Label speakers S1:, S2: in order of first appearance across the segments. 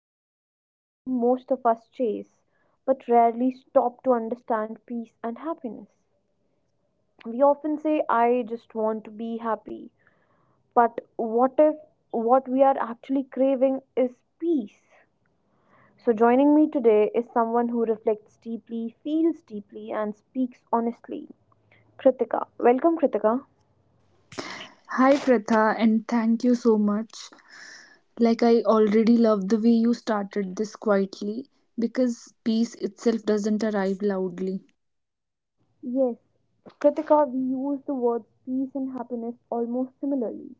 S1: talking about something most of us chase, but rarely stop to understand peace and happiness. We often say, I just want to be happy. But what if what we are actually craving is peace? So, joining me today is someone who reflects deeply, feels deeply, and speaks honestly. Kritika. Welcome, Kritika.
S2: Hi Pratha, and thank you so much. Like, I already love the way you started this quietly because peace itself doesn't arrive loudly.
S1: Yes, Kritika, we use the words peace and happiness almost similarly,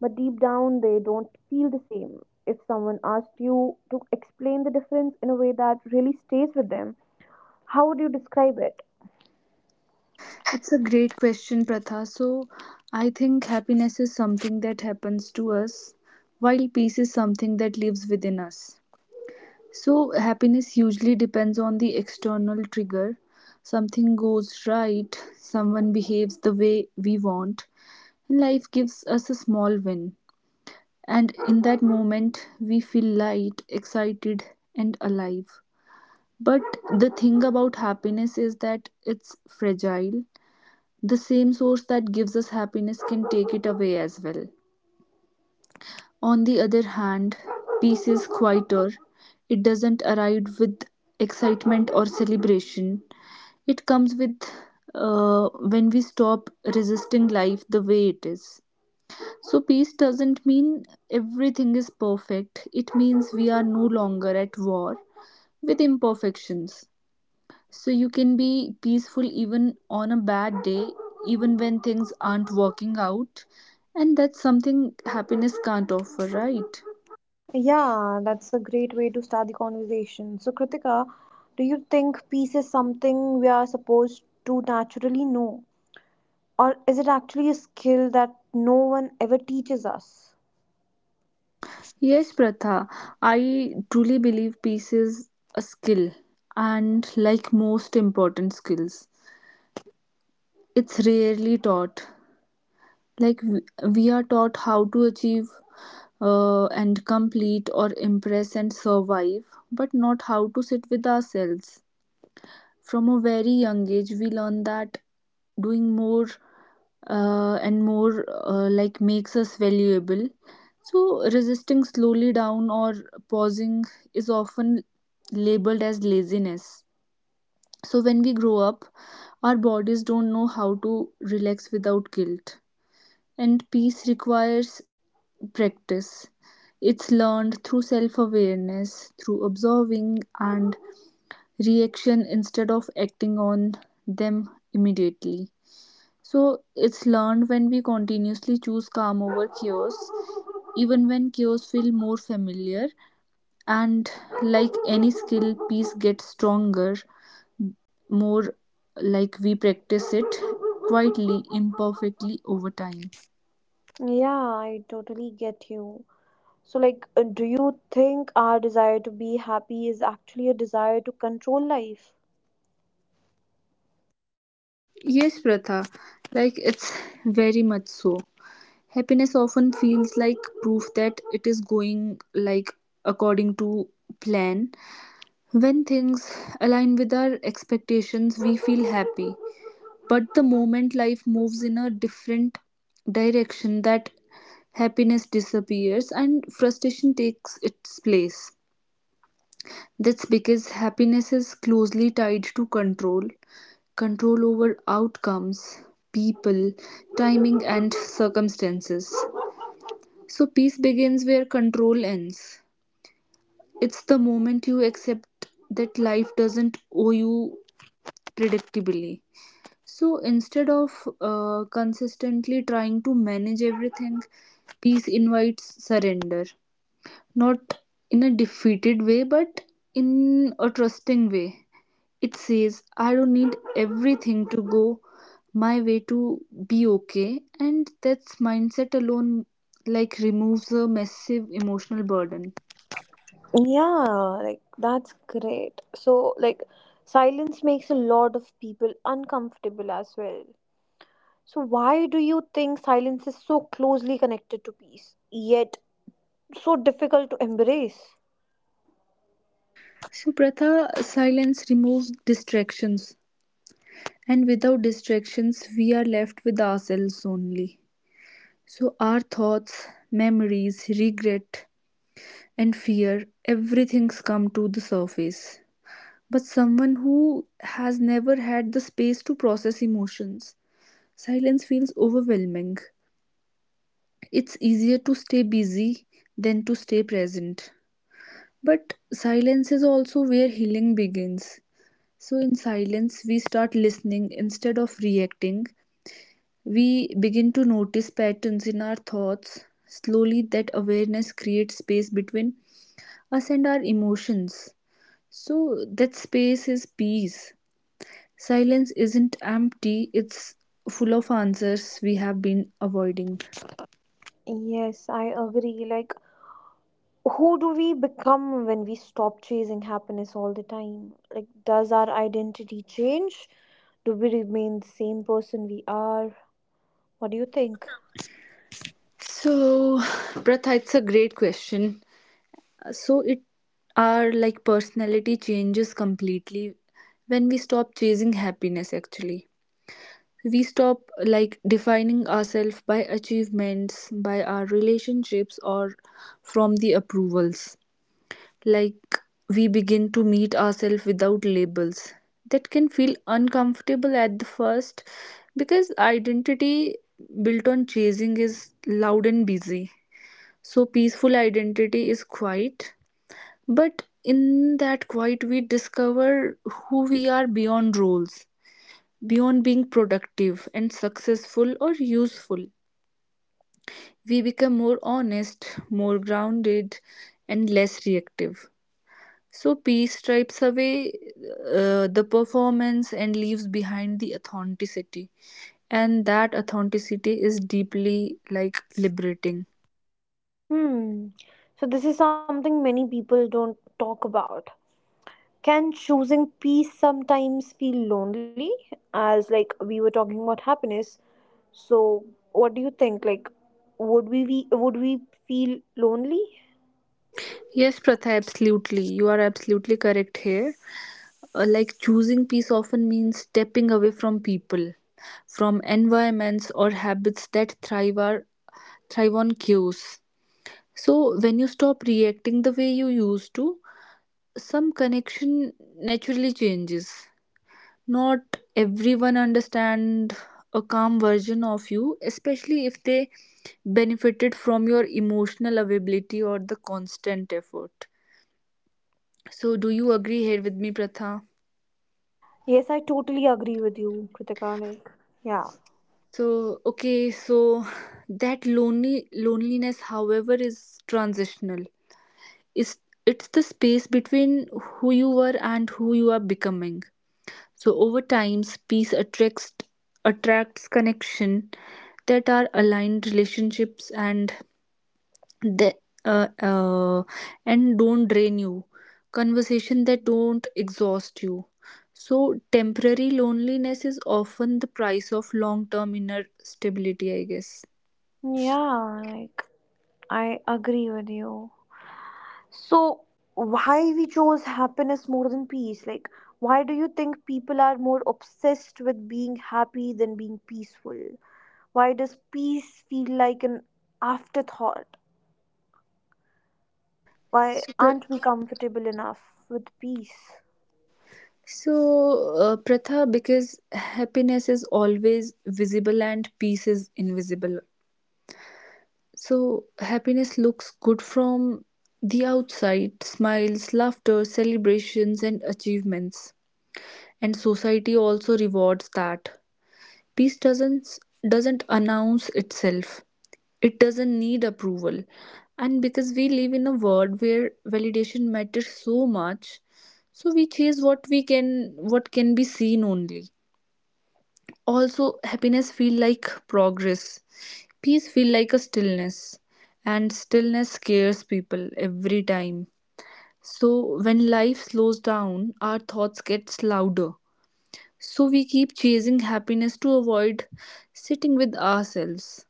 S1: but deep down they don't feel the same. If someone asked you to explain the difference in a way that really stays with them, how would you describe it?
S2: It's a great question, Pratha. So, I think happiness is something that happens to us, while peace is something that lives within us. So, happiness usually depends on the external trigger. Something goes right, someone behaves the way we want, and life gives us a small win. And in that moment, we feel light, excited, and alive. But the thing about happiness is that it's fragile. The same source that gives us happiness can take it away as well. On the other hand, peace is quieter. It doesn't arrive with excitement or celebration. It comes with when we stop resisting life the way it is. So, peace doesn't mean everything is perfect. It means we are no longer at war with imperfections. So, you can be peaceful even on a bad day, even when things aren't working out. And that's something happiness can't offer, right?
S1: Yeah, that's a great way to start the conversation. So, Kritika, do you think peace is something we are supposed to naturally know? Or is it actually a skill that no one ever teaches us?
S2: Yes, Pratha, I truly believe peace is a skill, and like most important skills, it's rarely taught. like we, we are taught how to achieve and complete or impress and survive, but not how to sit with ourselves. From a very young age we learn that doing more and more like makes us valuable. So resisting slowly down or pausing is often labeled as laziness. So when we grow up our bodies don't know how to relax without guilt, and peace requires practice. It's learned through self awareness, through observing and reaction instead of acting on them immediately. So, it's learned when we continuously choose calm over chaos, even when chaos feels more familiar. And like any skill, peace gets stronger more like we practice it quietly, imperfectly over time.
S1: Yeah, I totally get you. So, like, do you think our desire to be happy is actually a desire to control life?
S2: Yes, Pratha, like it's very much so. Happiness often feels like proof that it is going like according to plan. When things align with our expectations, we feel happy. But the moment life moves in a different direction, that happiness disappears and frustration takes its place. That's because happiness is closely tied to control over outcomes, people, timing, and circumstances. So peace begins where control ends. It's the moment you accept that life doesn't owe you predictably. So instead of consistently trying to manage everything, peace invites surrender. Not in a defeated way, but in a trusting way. It says, I don't need everything to go my way to be okay. And that mindset alone, like, removes a massive emotional burden.
S1: Yeah, like, that's great. So, like, silence makes a lot of people uncomfortable as well. So, why do you think silence is so closely connected to peace, yet so difficult to embrace?
S2: Supratha, silence removes distractions, and without distractions, we are left with ourselves only. So, our thoughts, memories, regret, and fear everything's come to the surface. But someone who has never had the space to process emotions, silence feels overwhelming. It's easier to stay busy than to stay present. But silence is also where healing begins. So, in silence, we start listening instead of reacting. We begin to notice patterns in our thoughts. Slowly, that awareness creates space between us and our emotions. So, that space is peace. Silence isn't empty, it's full of answers we have been avoiding.
S1: Yes, I agree. Like, who do we become when we stop chasing happiness all the time? Like, does our identity change? Do we remain the same person we are? What do you think?
S2: So, Pratha, it's a great question. So, it our like personality changes completely when we stop chasing happiness. Actually, we stop like defining ourselves by achievements, by our relationships, or from the approvals. Like, we begin to meet ourselves without labels. That can feel uncomfortable at the first, because identity built on chasing is loud and busy, so peaceful identity is quiet. But in that quiet we discover who we are beyond roles. Beyond being productive and successful or useful, we become more honest, more grounded, and less reactive. So, peace stripes away the performance and leaves behind the authenticity. And that authenticity is deeply like liberating.
S1: Hmm. So, this is something many people don't talk about. Can choosing peace sometimes feel lonely? As, like, we were talking about happiness. So, what do you think? Like, would we feel lonely?
S2: Yes, Pratha, absolutely. You are absolutely correct here. Like choosing peace often means stepping away from people, from environments or habits that thrive on cues. So when you stop reacting the way you used to, some connection naturally changes. Not everyone understand a calm version of you, especially if they benefited from your emotional availability or the constant effort. So do you agree here with me, Pratha?
S1: Yes, I totally agree with you, Kritika. Like, yeah.
S2: So, okay, so that lonely loneliness, however, is transitional. It's, it's the space between who you were and who you are becoming. So over time, peace attracts connection that are aligned relationships and that uh, uh, and don't drain you. Conversation that don't exhaust you. So temporary loneliness is often the price of long-term inner stability, I guess.
S1: Yeah, like I agree with you. So, why we chose happiness more than peace? Like, why do you think people are more obsessed with being happy than being peaceful? Why does peace feel like an afterthought? Why
S2: So, pr-
S1: aren't we comfortable enough with peace?
S2: Pratha, because happiness is always visible and peace is invisible. So, happiness looks good from the outside: smiles, laughter, celebrations, and achievements. And society also rewards that. Peace doesn't announce itself. It doesn't need approval. And because we live in a world where validation matters so much, so we chase what we can what can be seen only. Also, happiness feel like progress. Peace feel like a stillness. And stillness scares people every time. So when life slows down, our thoughts gets louder, so we keep chasing happiness to avoid sitting with ourselves.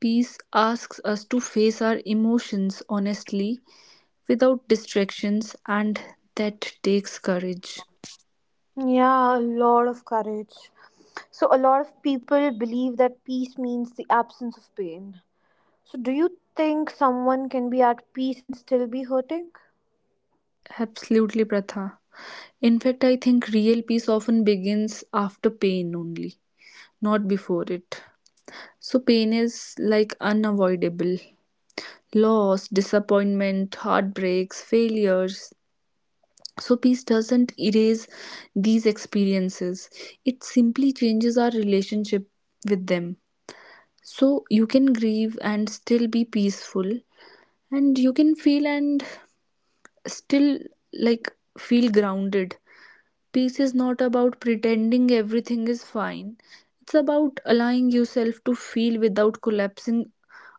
S2: Peace asks us to face our emotions honestly without distractions, and that takes courage.
S1: Yeah, a lot of courage. So, a lot of people believe that peace means the absence of pain. So, do you think someone can be at peace and still be hurting?
S2: Absolutely, Pratha. In fact, I think real peace often begins after pain only, not before it. So, pain is like unavoidable: loss, disappointment, heartbreaks, failures. So, peace doesn't erase these experiences, it simply changes our relationship with them. So, you can grieve and still be peaceful, and you can feel and still like feel grounded. Peace is not about pretending everything is fine, it's about allowing yourself to feel without collapsing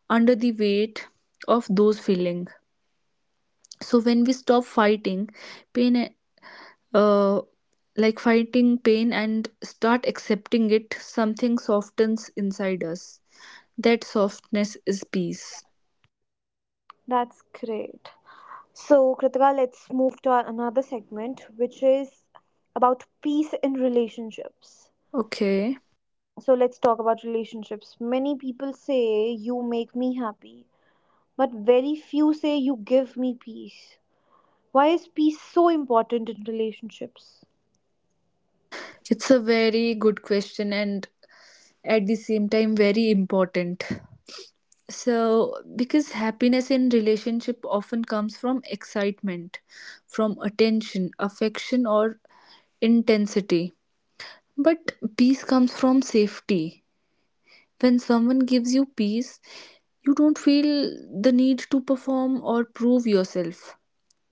S2: under the weight of those feelings. So, when we stop fighting pain uh, like fighting pain and start accepting it, something softens inside us. That softness is peace.
S1: That's great. So, Kritika, let's move to our another segment, which is about peace in relationships.
S2: Okay.
S1: So, let's talk about relationships. Many people say, you make me happy, but very few say, you give me peace. Why is peace so important in relationships?
S2: It's a very good question and at the same time very important. So, because happiness in relationship often comes from excitement, from attention, affection or intensity. But peace comes from safety. When someone gives you peace, you don't feel the need to perform or prove yourself.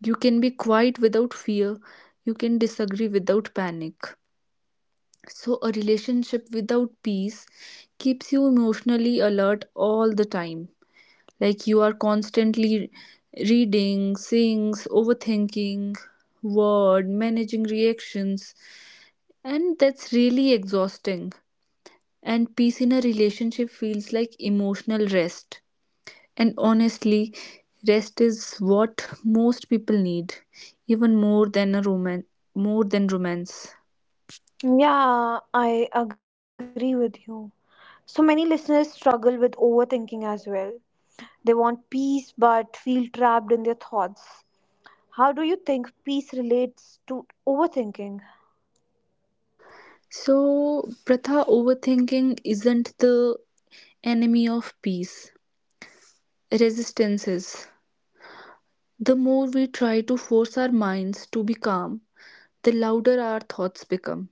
S2: You can be quiet without fear. You can disagree without panic. So, a relationship without peace keeps you emotionally alert all the time. Like you are constantly reading, seeing, overthinking, word, managing reactions. And that's really exhausting. And peace in a relationship feels like emotional rest. And honestly, rest is what most people need, even more than a romance, more than romance.
S1: Yeah, I agree with you. So many listeners struggle with overthinking as well. They want peace but feel trapped in their thoughts. How do you think peace relates to overthinking?
S2: So, Pratha, overthinking isn't the enemy of peace. Resistance is. The more we try to force our minds to be calm, the louder our thoughts become.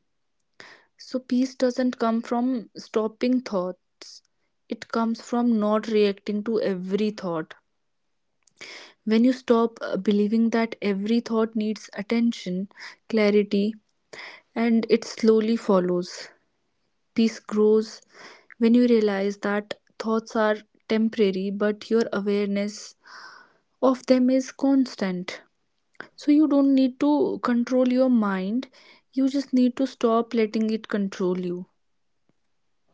S2: So, peace doesn't come from stopping thoughts, it comes from not reacting to every thought. When you stop believing that every thought needs attention, clarity, and it slowly follows. Peace grows when you realize that thoughts are temporary, but your awareness of them is constant. So you don't need to control your mind, you just need to stop letting it control you.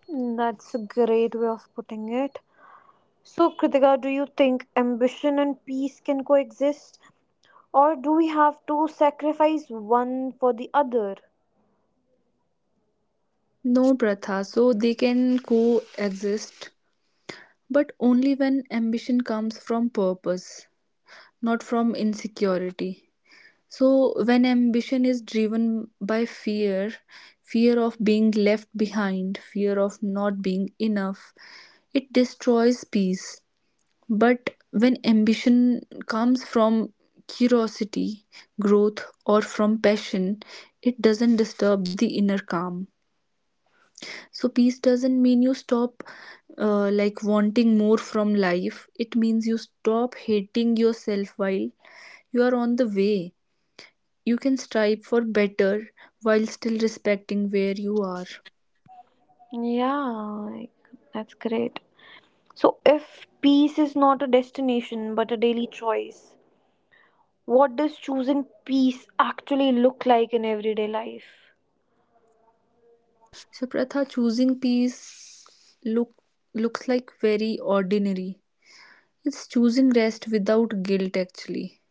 S1: That's a great way of putting it. So, Kritika, do you think ambition and peace can coexist? Or do we have to sacrifice one for the other?
S2: No, Pratha, so they can coexist, but only when ambition comes from purpose, not from insecurity. So, when ambition is driven by fear, fear of being left behind, fear of not being enough, it destroys peace. But when ambition comes from curiosity, growth, or from passion, it doesn't disturb the inner calm. So, peace doesn't mean you stop like wanting more from life, it means you stop hating yourself while you are on the way. You can strive for better while still respecting where you are.
S1: Yeah, like, that's great. So, if peace is not a destination but a daily choice, what does choosing peace actually look like in everyday life?
S2: So Pratha, choosing peace looks like very ordinary. It's choosing rest without guilt actually.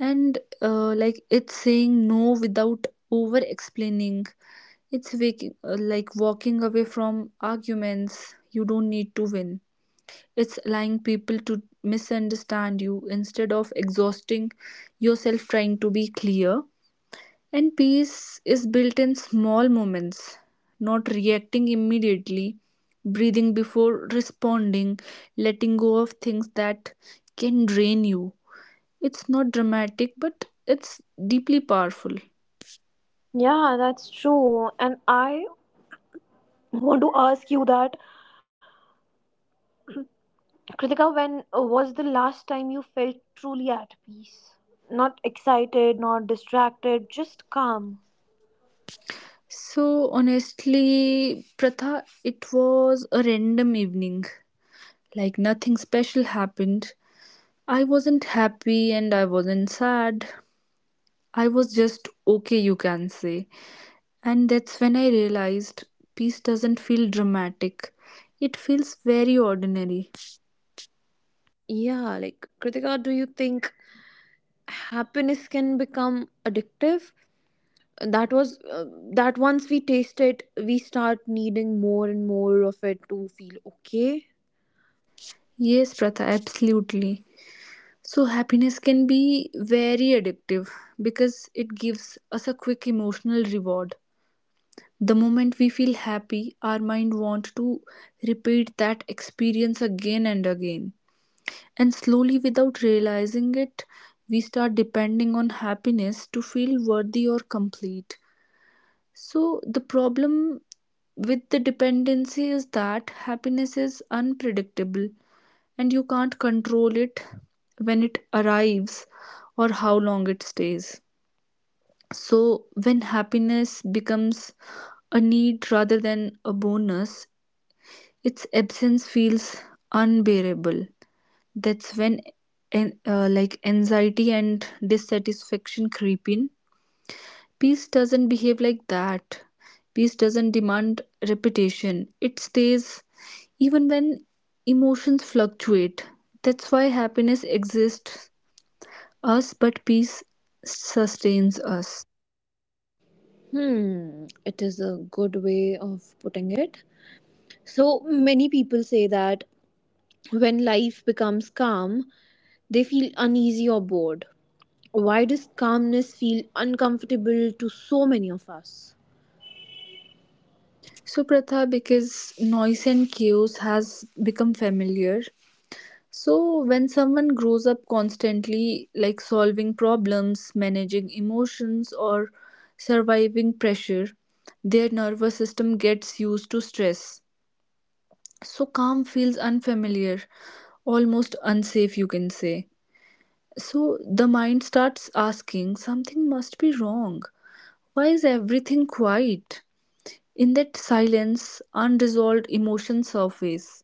S2: And like it's saying no without over explaining. Like walking away from arguments you don't need to win. It's allowing people to misunderstand you instead of exhausting yourself trying to be clear. And peace is built in small moments, not reacting immediately, breathing before responding, letting go of things that can drain you. It's not dramatic, but it's deeply powerful.
S1: Yeah, that's true. And I want to ask you that, Kritika, when was the last time you felt truly at peace? Not excited, not distracted, just calm.
S2: So, honestly, Pratha, it was a random evening. Like nothing special happened. I wasn't happy and I wasn't sad. I was just okay, you can say. And that's when I realized peace doesn't feel dramatic, it feels very ordinary.
S1: Yeah, like Kritika, do you think happiness can become addictive? That was that once we taste it, we start needing more and more of it to feel okay.
S2: Yes, Pratha, absolutely. So, happiness can be very addictive because it gives us a quick emotional reward. The moment we feel happy, our mind wants to repeat that experience again and again. And slowly, without realizing it, we start depending on happiness to feel worthy or complete. So, the problem with the dependency is that happiness is unpredictable and you can't control it when it arrives or how long it stays. So, when happiness becomes a need rather than a bonus, its absence feels unbearable. That's when like anxiety and dissatisfaction creep in. Peace doesn't behave like that. Peace doesn't demand repetition. It stays even when emotions fluctuate. That's why happiness exists us, but peace sustains us.
S1: Hmm, it is a good way of putting it. So many people say that when life becomes calm, they feel uneasy or bored. Why does calmness feel uncomfortable to so many of us?
S2: So, Pratha, because noise and chaos has become familiar. So, when someone grows up constantly, like solving problems, managing emotions, or surviving pressure, their nervous system gets used to stress. So calm feels unfamiliar, almost unsafe, you can say. So the mind starts asking, something must be wrong. Why is everything quiet? In that silence, unresolved emotions surface.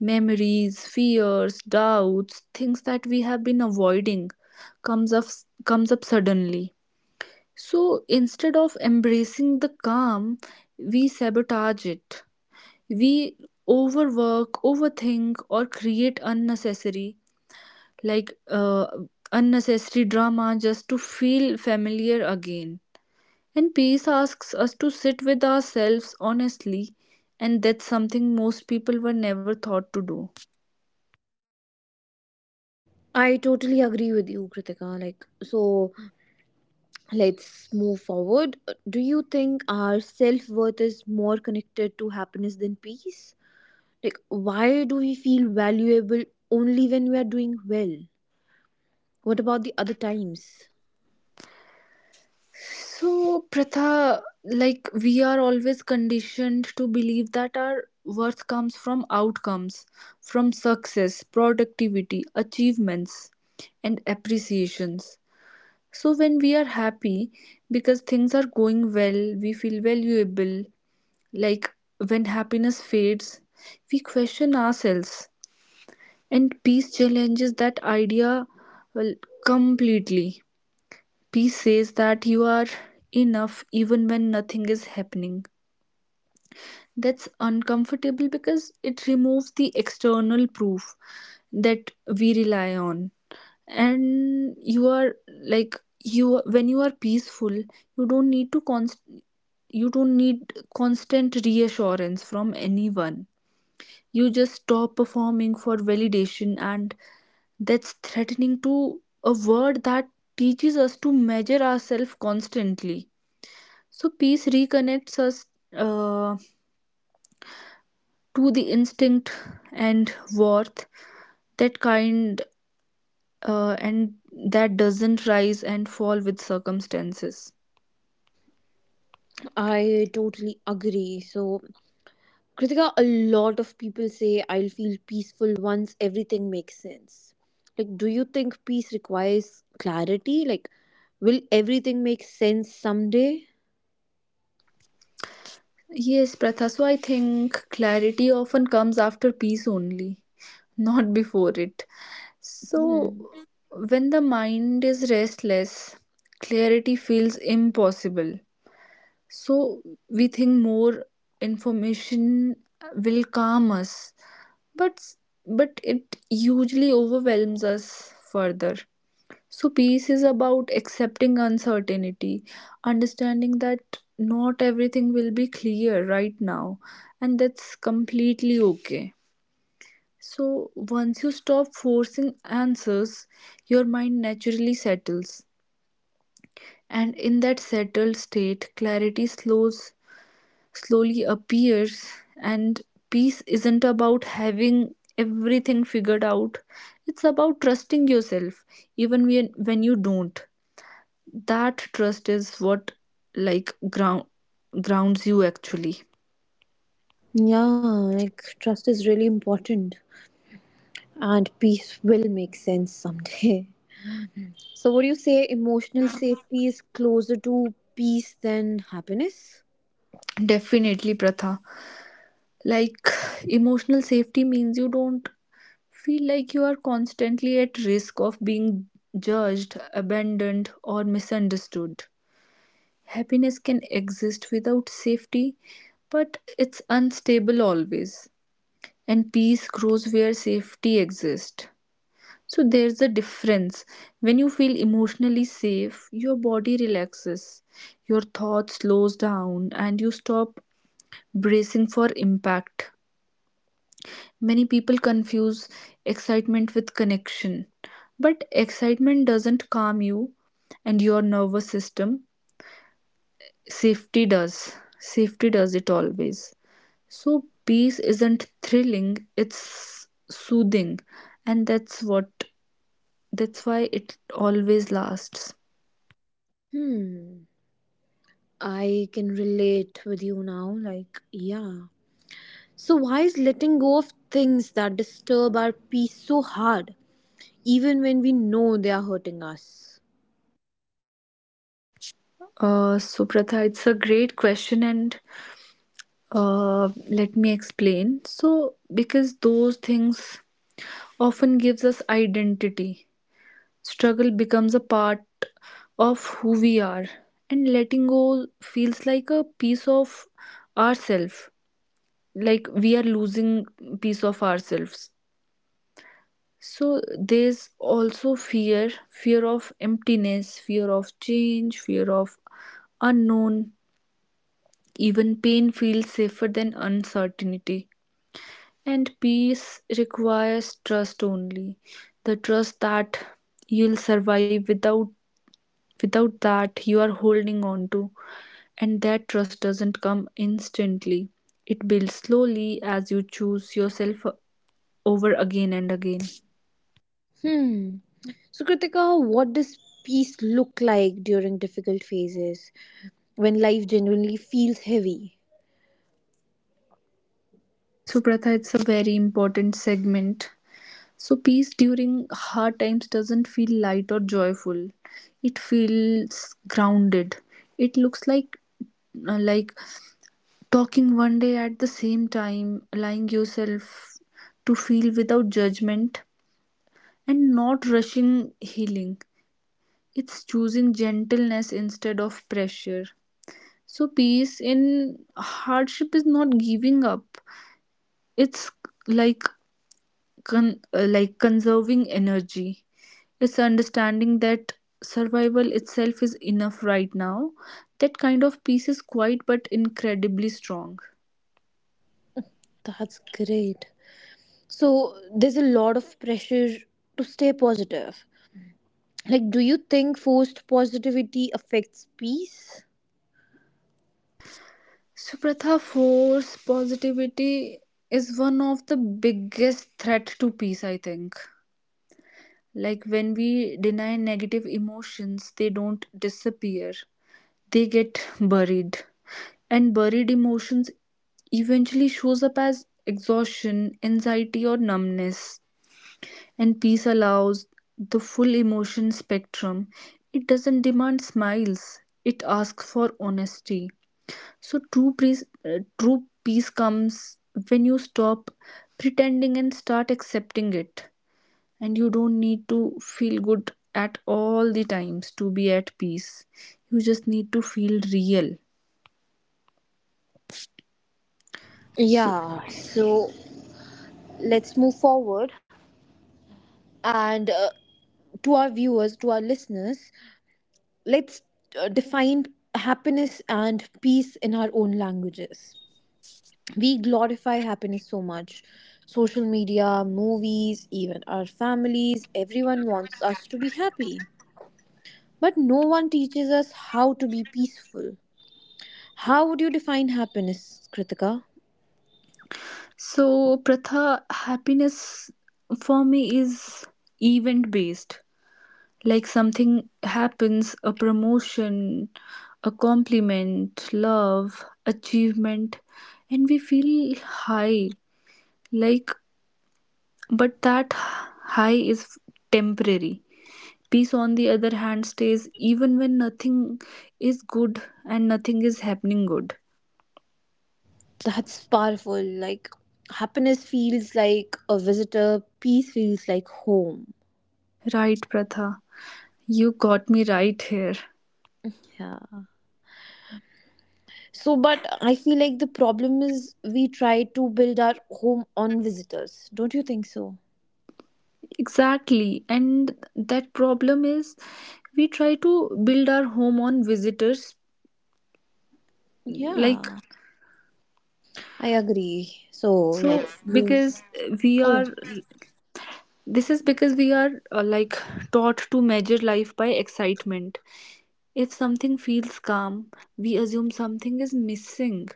S2: Memories, fears, doubts, things that we have been avoiding comes up comes up suddenly. So instead of embracing the calm, we sabotage it we Overwork, overthink, or create unnecessary, like uh, unnecessary drama just to feel familiar again. And peace asks us to sit with ourselves honestly, and that's something most people were never thought to do.
S1: I totally agree with you, Kritika. Like, so let's move forward. Do you think our self worth is more connected to happiness than peace? Like, why do we feel valuable only when we are doing well? What about the other times?
S2: So, Pratha, like we are always conditioned to believe that our worth comes from outcomes, from success, productivity, achievements, and appreciations. So when we are happy because things are going well, we feel valuable. Like when happiness fades, we question ourselves. And peace challenges that idea, well, completely. Peace says that you are enough even when nothing is happening. That's uncomfortable because it removes the external proof that we rely on. And you are like you when you are peaceful, you don't need to const you don't need constant reassurance from anyone. You just stop performing for validation, and that's threatening to a word that teaches us to measure ourselves constantly. So peace reconnects us. Uh, to the instinct and worth that kind and that doesn't rise and fall with circumstances.
S1: I totally agree. So, Kritika, a lot of people say I'll feel peaceful once everything makes sense. Like, do you think peace requires clarity? Like, will everything make sense someday?
S2: Yes, Pratha. So I think clarity often comes after peace only, not before it.
S1: Hmm.
S2: So when the mind is restless, clarity feels impossible. So we think more information will calm us, but but it usually overwhelms us further. So peace is about accepting uncertainty, understanding that not everything will be clear right now, and that's completely okay. So once you stop forcing answers, your mind naturally settles, and in that settled state clarity slows slowly appears. And peace isn't about having everything figured out, it's about trusting yourself even when you don't. That trust is what like ground grounds you actually.
S1: Yeah, like, trust is really important, and peace will make sense someday. So, would you say emotional safety is closer to peace than happiness?
S2: Definitely, Pratha. Like, emotional safety means you don't feel like you are constantly at risk of being judged, abandoned, or misunderstood. Happiness can exist without safety, but it's unstable always. And peace grows where safety exists. So there's a difference. When you feel emotionally safe, your body relaxes, your thoughts slows down, and you stop bracing for impact. Many people confuse excitement with connection, but excitement doesn't calm you and your nervous system. Safety does. Safety does it always. So peace isn't thrilling, it's soothing, and that's what that's why it always lasts.
S1: Hmm, I can relate with you now. Like, yeah. So, why is letting go of things that disturb our peace so hard, even when we know they are hurting us?
S2: So Pratha, it's a great question, and uh, let me explain. So because those things often gives us identity, struggle becomes a part of who we are, and letting go feels like a piece of ourself, like we are losing piece of ourselves. So there's also fear, fear of emptiness, fear of change, fear of unknown. Even pain feels safer than uncertainty, and peace requires trust only, the trust that you'll survive without, without that you are holding on to. And that trust doesn't come instantly, it builds slowly as you choose yourself over again and again.
S1: Hmm. So, Kritika, what does peace look like during difficult phases when life genuinely feels heavy?
S2: So Pratha, it's a very important segment. So peace during hard times doesn't feel light or joyful. It feels grounded. It looks like like talking one day at the same time, allowing yourself to feel without judgment and not rushing healing. It's choosing gentleness instead of pressure. So peace in hardship is not giving up. It's like like conserving energy. It's understanding that survival itself is enough right now. That kind of peace is quiet but incredibly strong.
S1: That's great. So, there's a lot of pressure to stay positive. Like, do you think forced positivity affects peace?
S2: Supratha, force positivity is one of the biggest threat to peace, I think. Like, when we deny negative emotions, they don't disappear. They get buried, and buried emotions eventually shows up as exhaustion, anxiety, or numbness. And peace allows the full emotion spectrum. It doesn't demand smiles, it asks for honesty. So true peace, true peace comes when you stop pretending and start accepting it. And you don't need to feel good at all the times to be at peace, you just need to feel real. So,
S1: Yeah, so let's move forward. And to our viewers, to our listeners, let's define happiness and peace in our own languages. We glorify happiness so much. Social media, movies, even our families, everyone wants us to be happy. But no one teaches us how to be peaceful. How would you define happiness, Kritika?
S2: so Pratha, happiness for me is event based. Like something happens, a promotion, a compliment, love, achievement, and we feel high. Like, but that high is temporary. Peace, on the other hand, stays even when nothing is good and nothing is happening good.
S1: That's powerful. Like, happiness feels like a visitor, peace feels like home.
S2: Right, Pratha. You got me right here.
S1: Yeah. So, but I feel like the problem is we try to build our home on visitors. Don't you think so?
S2: Exactly. And that problem is we try to build our home on visitors. Like,
S1: Yeah, I agree. So
S2: so
S1: let's move.
S2: because we
S1: Oh,
S2: are, this is because we are like taught to measure life by excitement. If something feels calm, we assume something is missing.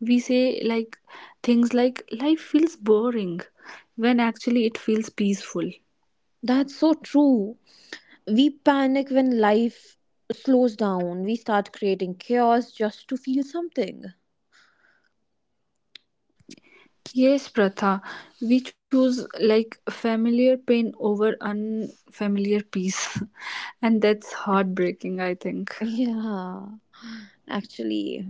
S2: We say like things like life feels boring when actually it feels peaceful.
S1: that's so true. We panic when life slows down. We start creating chaos just to feel something.
S2: Yes, Pratha, we choose like familiar pain over unfamiliar peace, and that's heartbreaking, I think.
S1: Yeah, actually,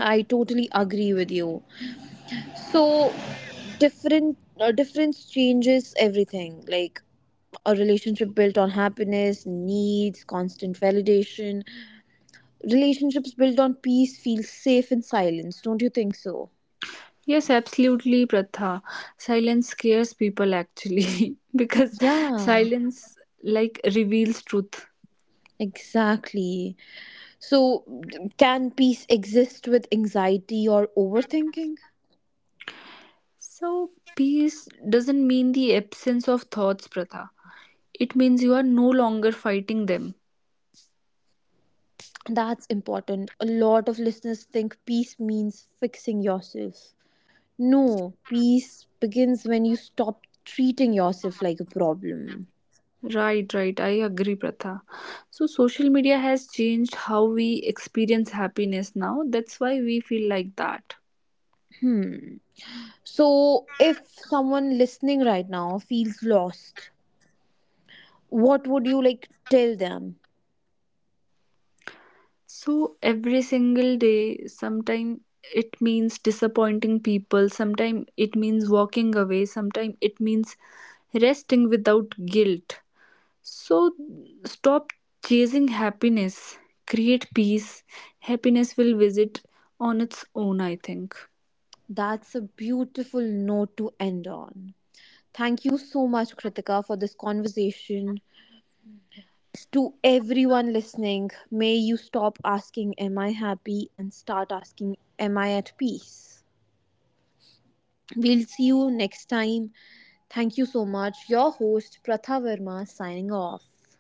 S1: I totally agree with you. So, different difference changes everything, like a relationship built on happiness needs constant validation, relationships built on peace feel safe in silence, don't you think so?
S2: Yes, absolutely, Pratha. Silence scares people actually because
S1: Yeah,
S2: silence like reveals truth.
S1: exactly. So, can peace exist with anxiety or overthinking?
S2: So, peace doesn't mean the absence of thoughts, Pratha. It means you are no longer fighting them.
S1: That's important. A lot of listeners think peace means fixing yourself. No, peace begins when you stop treating yourself like a problem.
S2: Right, right. I agree, Pratha. So, social media has changed how we experience happiness now. That's why we feel like that.
S1: So, if someone listening right now feels lost, what would you like tell them?
S2: So, every single day, sometimes it means disappointing people, sometimes it means walking away, sometimes it means resting without guilt. So, stop chasing happiness, create peace. Happiness will visit on its own, I think.
S1: That's a beautiful note to end on. Thank you so much, Kritika, for this conversation. To everyone listening, may you stop asking, am I happy? And start asking, am I at peace? We'll see you next time. Thank you so much. Your host, Pratha Verma, signing off.